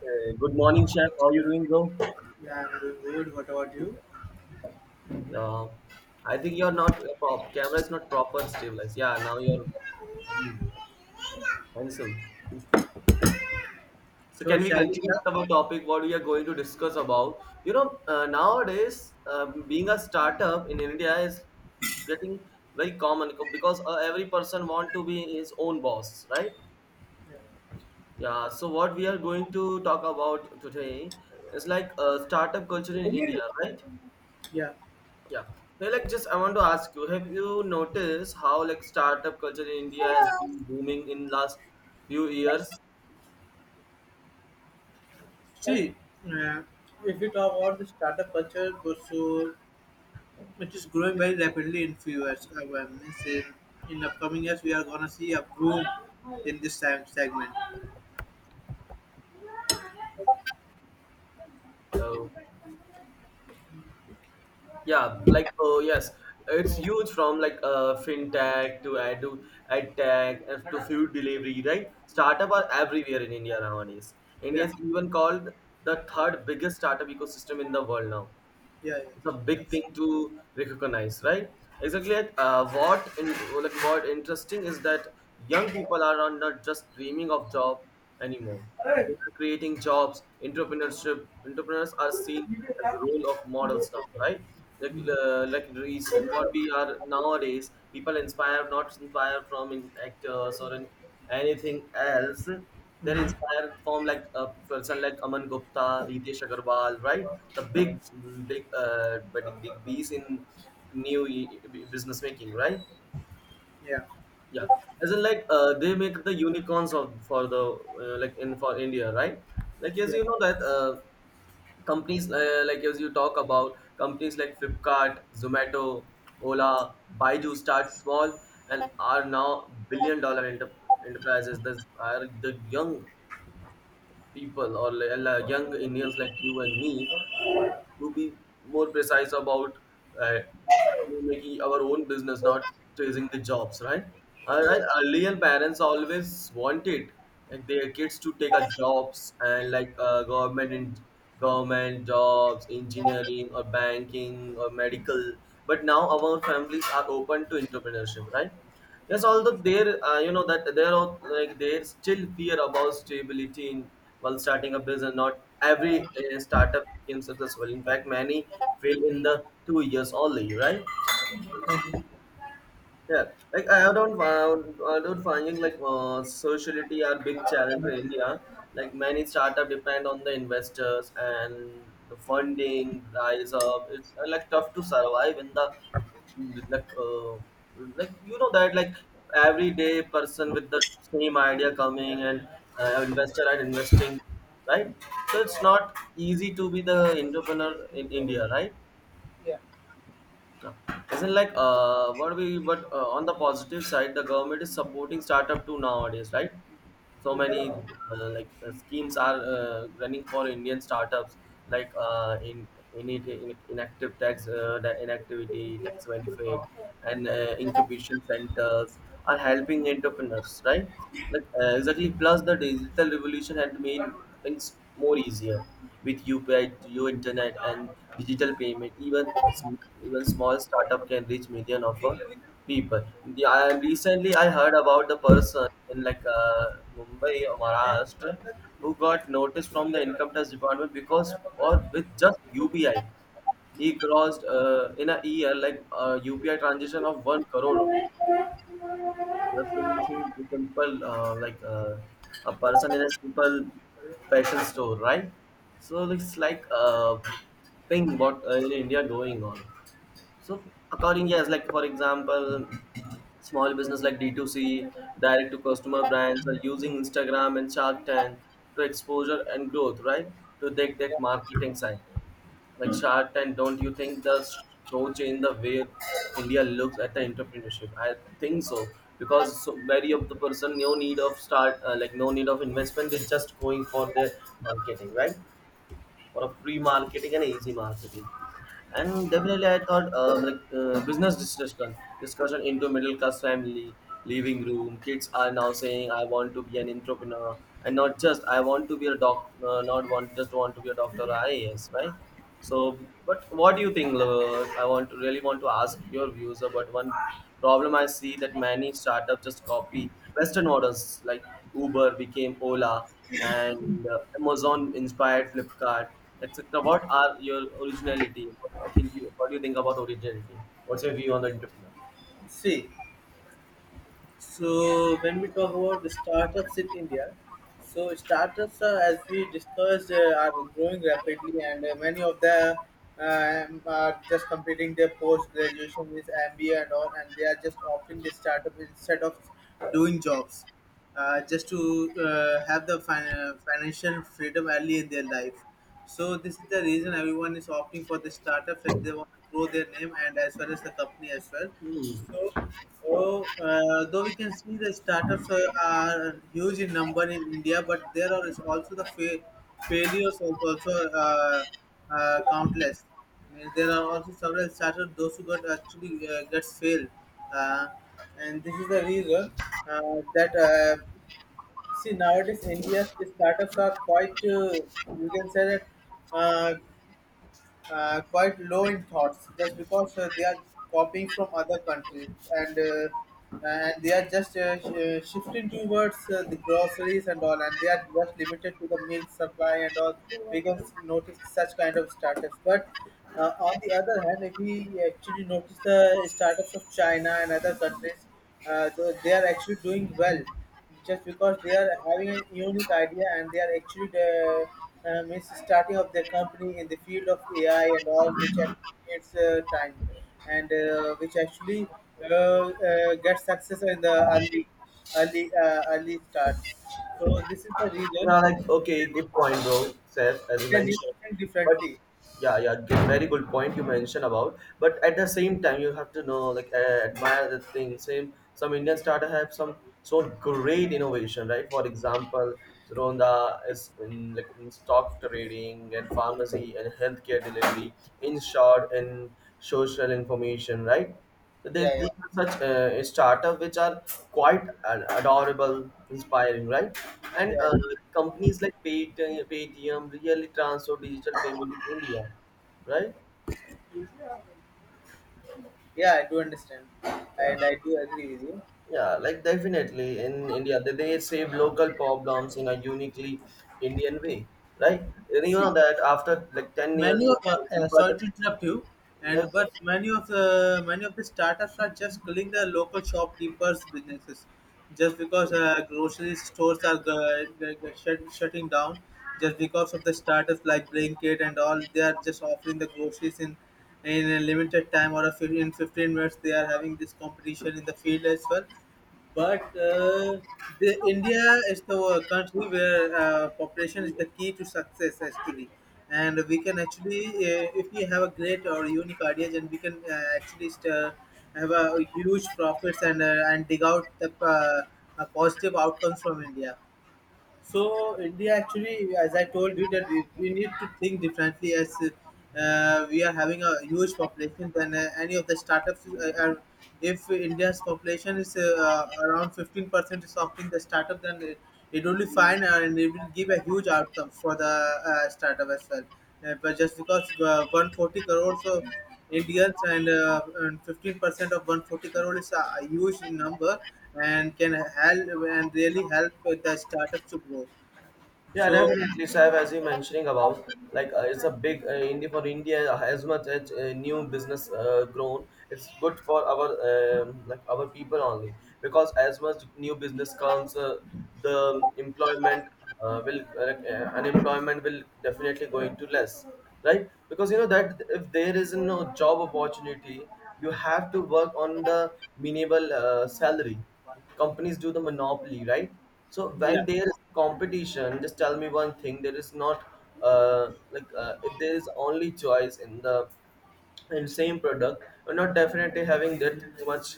Hey, good morning, chef. How you doing, bro? Yeah, I'm good. What about you? Uh, I think you're not camera is not proper stabilized. Yeah, now you're you handsome. So So, can we shall we continue start? with our topic? What we are going to discuss about? Nowadays being a startup in India is getting very common because every person want to be his own boss, right? Yeah. So what we are going to talk about today is like startup culture in Yeah. India, right? Yeah. Yeah. Hey, like, just I want to ask you, have you noticed how like startup culture in India has been booming in last few years? See, uh, if you talk about the startup culture, so it is growing very rapidly in few years. I means in upcoming years, we are gonna see a boom in this time segment. Hello. Yeah, like oh yes, it's huge from like fintech to ad tech and to food delivery, right? Startup are everywhere in India nowadays. India Yeah, is even called the third biggest startup ecosystem in the world now. yeah, yeah. It's a big That's it. thing to recognize, right? Exactly. Uh, what in, like what interesting is that young people are not just dreaming of job anymore. They are creating jobs. Entrepreneurs are seen as the role of models now, right? Like reason what we are nowadays, people inspire not inspire from in actors or in anything else, they're inspired from like a person like Aman Gupta, Ritesh Agarwal, right? The big, mm, big, but big bees in new business making, right? Yeah, Yeah, as in like they make the unicorns of for the like in for India, right? Like as yeah, you know that companies like as you talk about companies like Flipkart, Zomato, Ola, Baidu start small and are now billion dollar enterprises. These are the young people or young Indians like you and me to be more precise about uh, making our own business, not chasing the jobs, right? All right. Earlier, parents always wanted like their kids to take a jobs and like government jobs, engineering or banking or medical. But now our families are open to entrepreneurship, right? Yes, although there, you know that there are like there's still fear about stability in while starting a business. Not every startup became successful. In fact, many fail in the 2 years only, right? Yeah, like I don't finding like sociality are big challenge in India. Like many startup depend on the investors and the funding rise up. It's like tough to survive in the like you know that like everyday person with the same idea coming and investor and investing, right? So it's not easy to be the entrepreneur in India, right? Yeah. Isn't like what we but on the positive side, the government is supporting startup too nowadays, right? So many like schemes are running for Indian startups, like in inactive tax the inactivity tax benefit and incubation centers are helping entrepreneurs, right? Like exactly. Plus, the digital revolution had made things more easier with UPI, Geo Internet, and digital payment. Even small startup can reach million of people. Yeah, and recently I heard about the person in like Mumbai or Maharashtra who got notice from the income tax department because or with just UPI he crossed in a year like a UPI transaction of 1 crore. yeah, The same thing yeah. is a simple, like a person in a simple fashion store, right? So it's like thing what in India going on. So according, yes, like for example, small business like D2C, direct to customer brands are using Instagram and Shark Tank to exposure and growth, right? To take yeah. that marketing side. Like Shark Tank, don't you think the show change the way India looks at the entrepreneurship? I think so because so very of the person no need of start like no need of investment is just going for their marketing, right? For a free marketing and easy marketing, and definitely I thought like business discussion into middle class family living room, kids are now saying I want to be an entrepreneur and not just I want to be a doc not want just want to be a doctor or ias, right? So, but what do you think? I want to really want to ask your views about one problem I see that many startups just copy Western models like Uber became Ola and Amazon inspired Flipkart, etc. What are your originality? What do you think about originality? What's your view on the entrepreneur? See, so when we talk about the startups in India, so startups as we discussed, are growing rapidly, and many of them are just completing their post graduation with MBA and all, and they are just opting the startup instead of doing jobs. Just to have the financial freedom early in their life. So this is the reason everyone is opting for the startups and they want to grow their name and as well as the company as well. Hmm. So though we can see the startups are huge in number in India, but there are is also the failures are also countless. Means there are also several startups those who got actually gets failed. Uh, and this is the reason that see nowadays India's startups are quite you can say that uh, quite low in thoughts just because they are copying from other countries and they are just shifting towards the groceries and all and they are just limited to the milk supply and all we can notice such kind of startups but on the other hand if we actually notice the startups of china and other countries they are actually doing well just because they are having a unique idea and they are actually the means starting of their company in the field of AI and all, which it's time and which actually gets success in the early start. So this is the reason Yeah, like okay, good point, bro. Seth, as you they need to mentioned, think but differently. yeah, yeah, very good point you mentioned about. But at the same time, you have to know, like, admire the thing. Some Indian startup have some so great innovation, right? For example, Ronda is in like in stock trading and pharmacy and healthcare delivery. In short, in social information, right? So there's Yeah, yeah, these are such startup which are quite adorable, inspiring, right? And yeah, companies like Paytm really transfer digital payment in India, right? yeah. I do understand, Yeah, and I do agree with you. yeah, like definitely in India, they save local problems in a uniquely Indian way, right? And you See, know that after like 10 years, many of people sorry to interrupt you like. and but many of the startups are just killing the local shopkeepers businesses just because grocery stores are shutting down just because of the startups like Blinkit and all they are just offering the groceries in a limited time or a 15 minutes. They are having this competition in the field as well but the India is the country where population is the key to success actually, and we can actually if we have a great or unique ideas, and we can actually have a huge profits and and dig out the positive outcomes from India. So India actually, as I told you, that we need to think differently as we are having a huge population than any of the startups. If India's population is around 15% is opting the startup, then it will be fine and it will give a huge outcome for the startup as well. But just because 140 crores of Indians and 15% of 140 crore is a huge number and can help and really help with the startups to grow. Yeah, So definitely, Saif. As you mentioning about, like it's a big India for India as much as new business grown. It's good for our like our people only because as much new business comes, the employment will like, unemployment will definitely go into less, right? Because you know that if there is no job opportunity, you have to work on the minimal salary. Companies do the monopoly, right? So yeah, when there is competition, just tell me one thing. There is not like if there is only choice in the and same product, we're not definitely having that much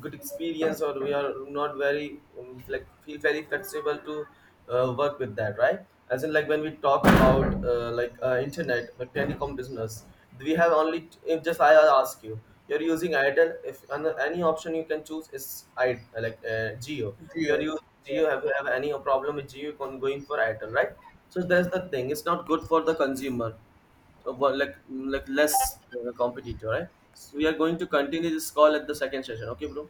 good experience, or we are not very like feel very flexible to work with that, right? As in like when we talk about like internet, like telecom business, we have only. If just I ask you, you're using itel, if any option you can choose is I like geo. If you're Geo. using Yeah. geo, have you have any problem with geo, you can go in for itel, right? So that's the thing, it's not good for the consumer. Well, like less competitor, right? So we are going to continue this call at the second session. Okay, bro.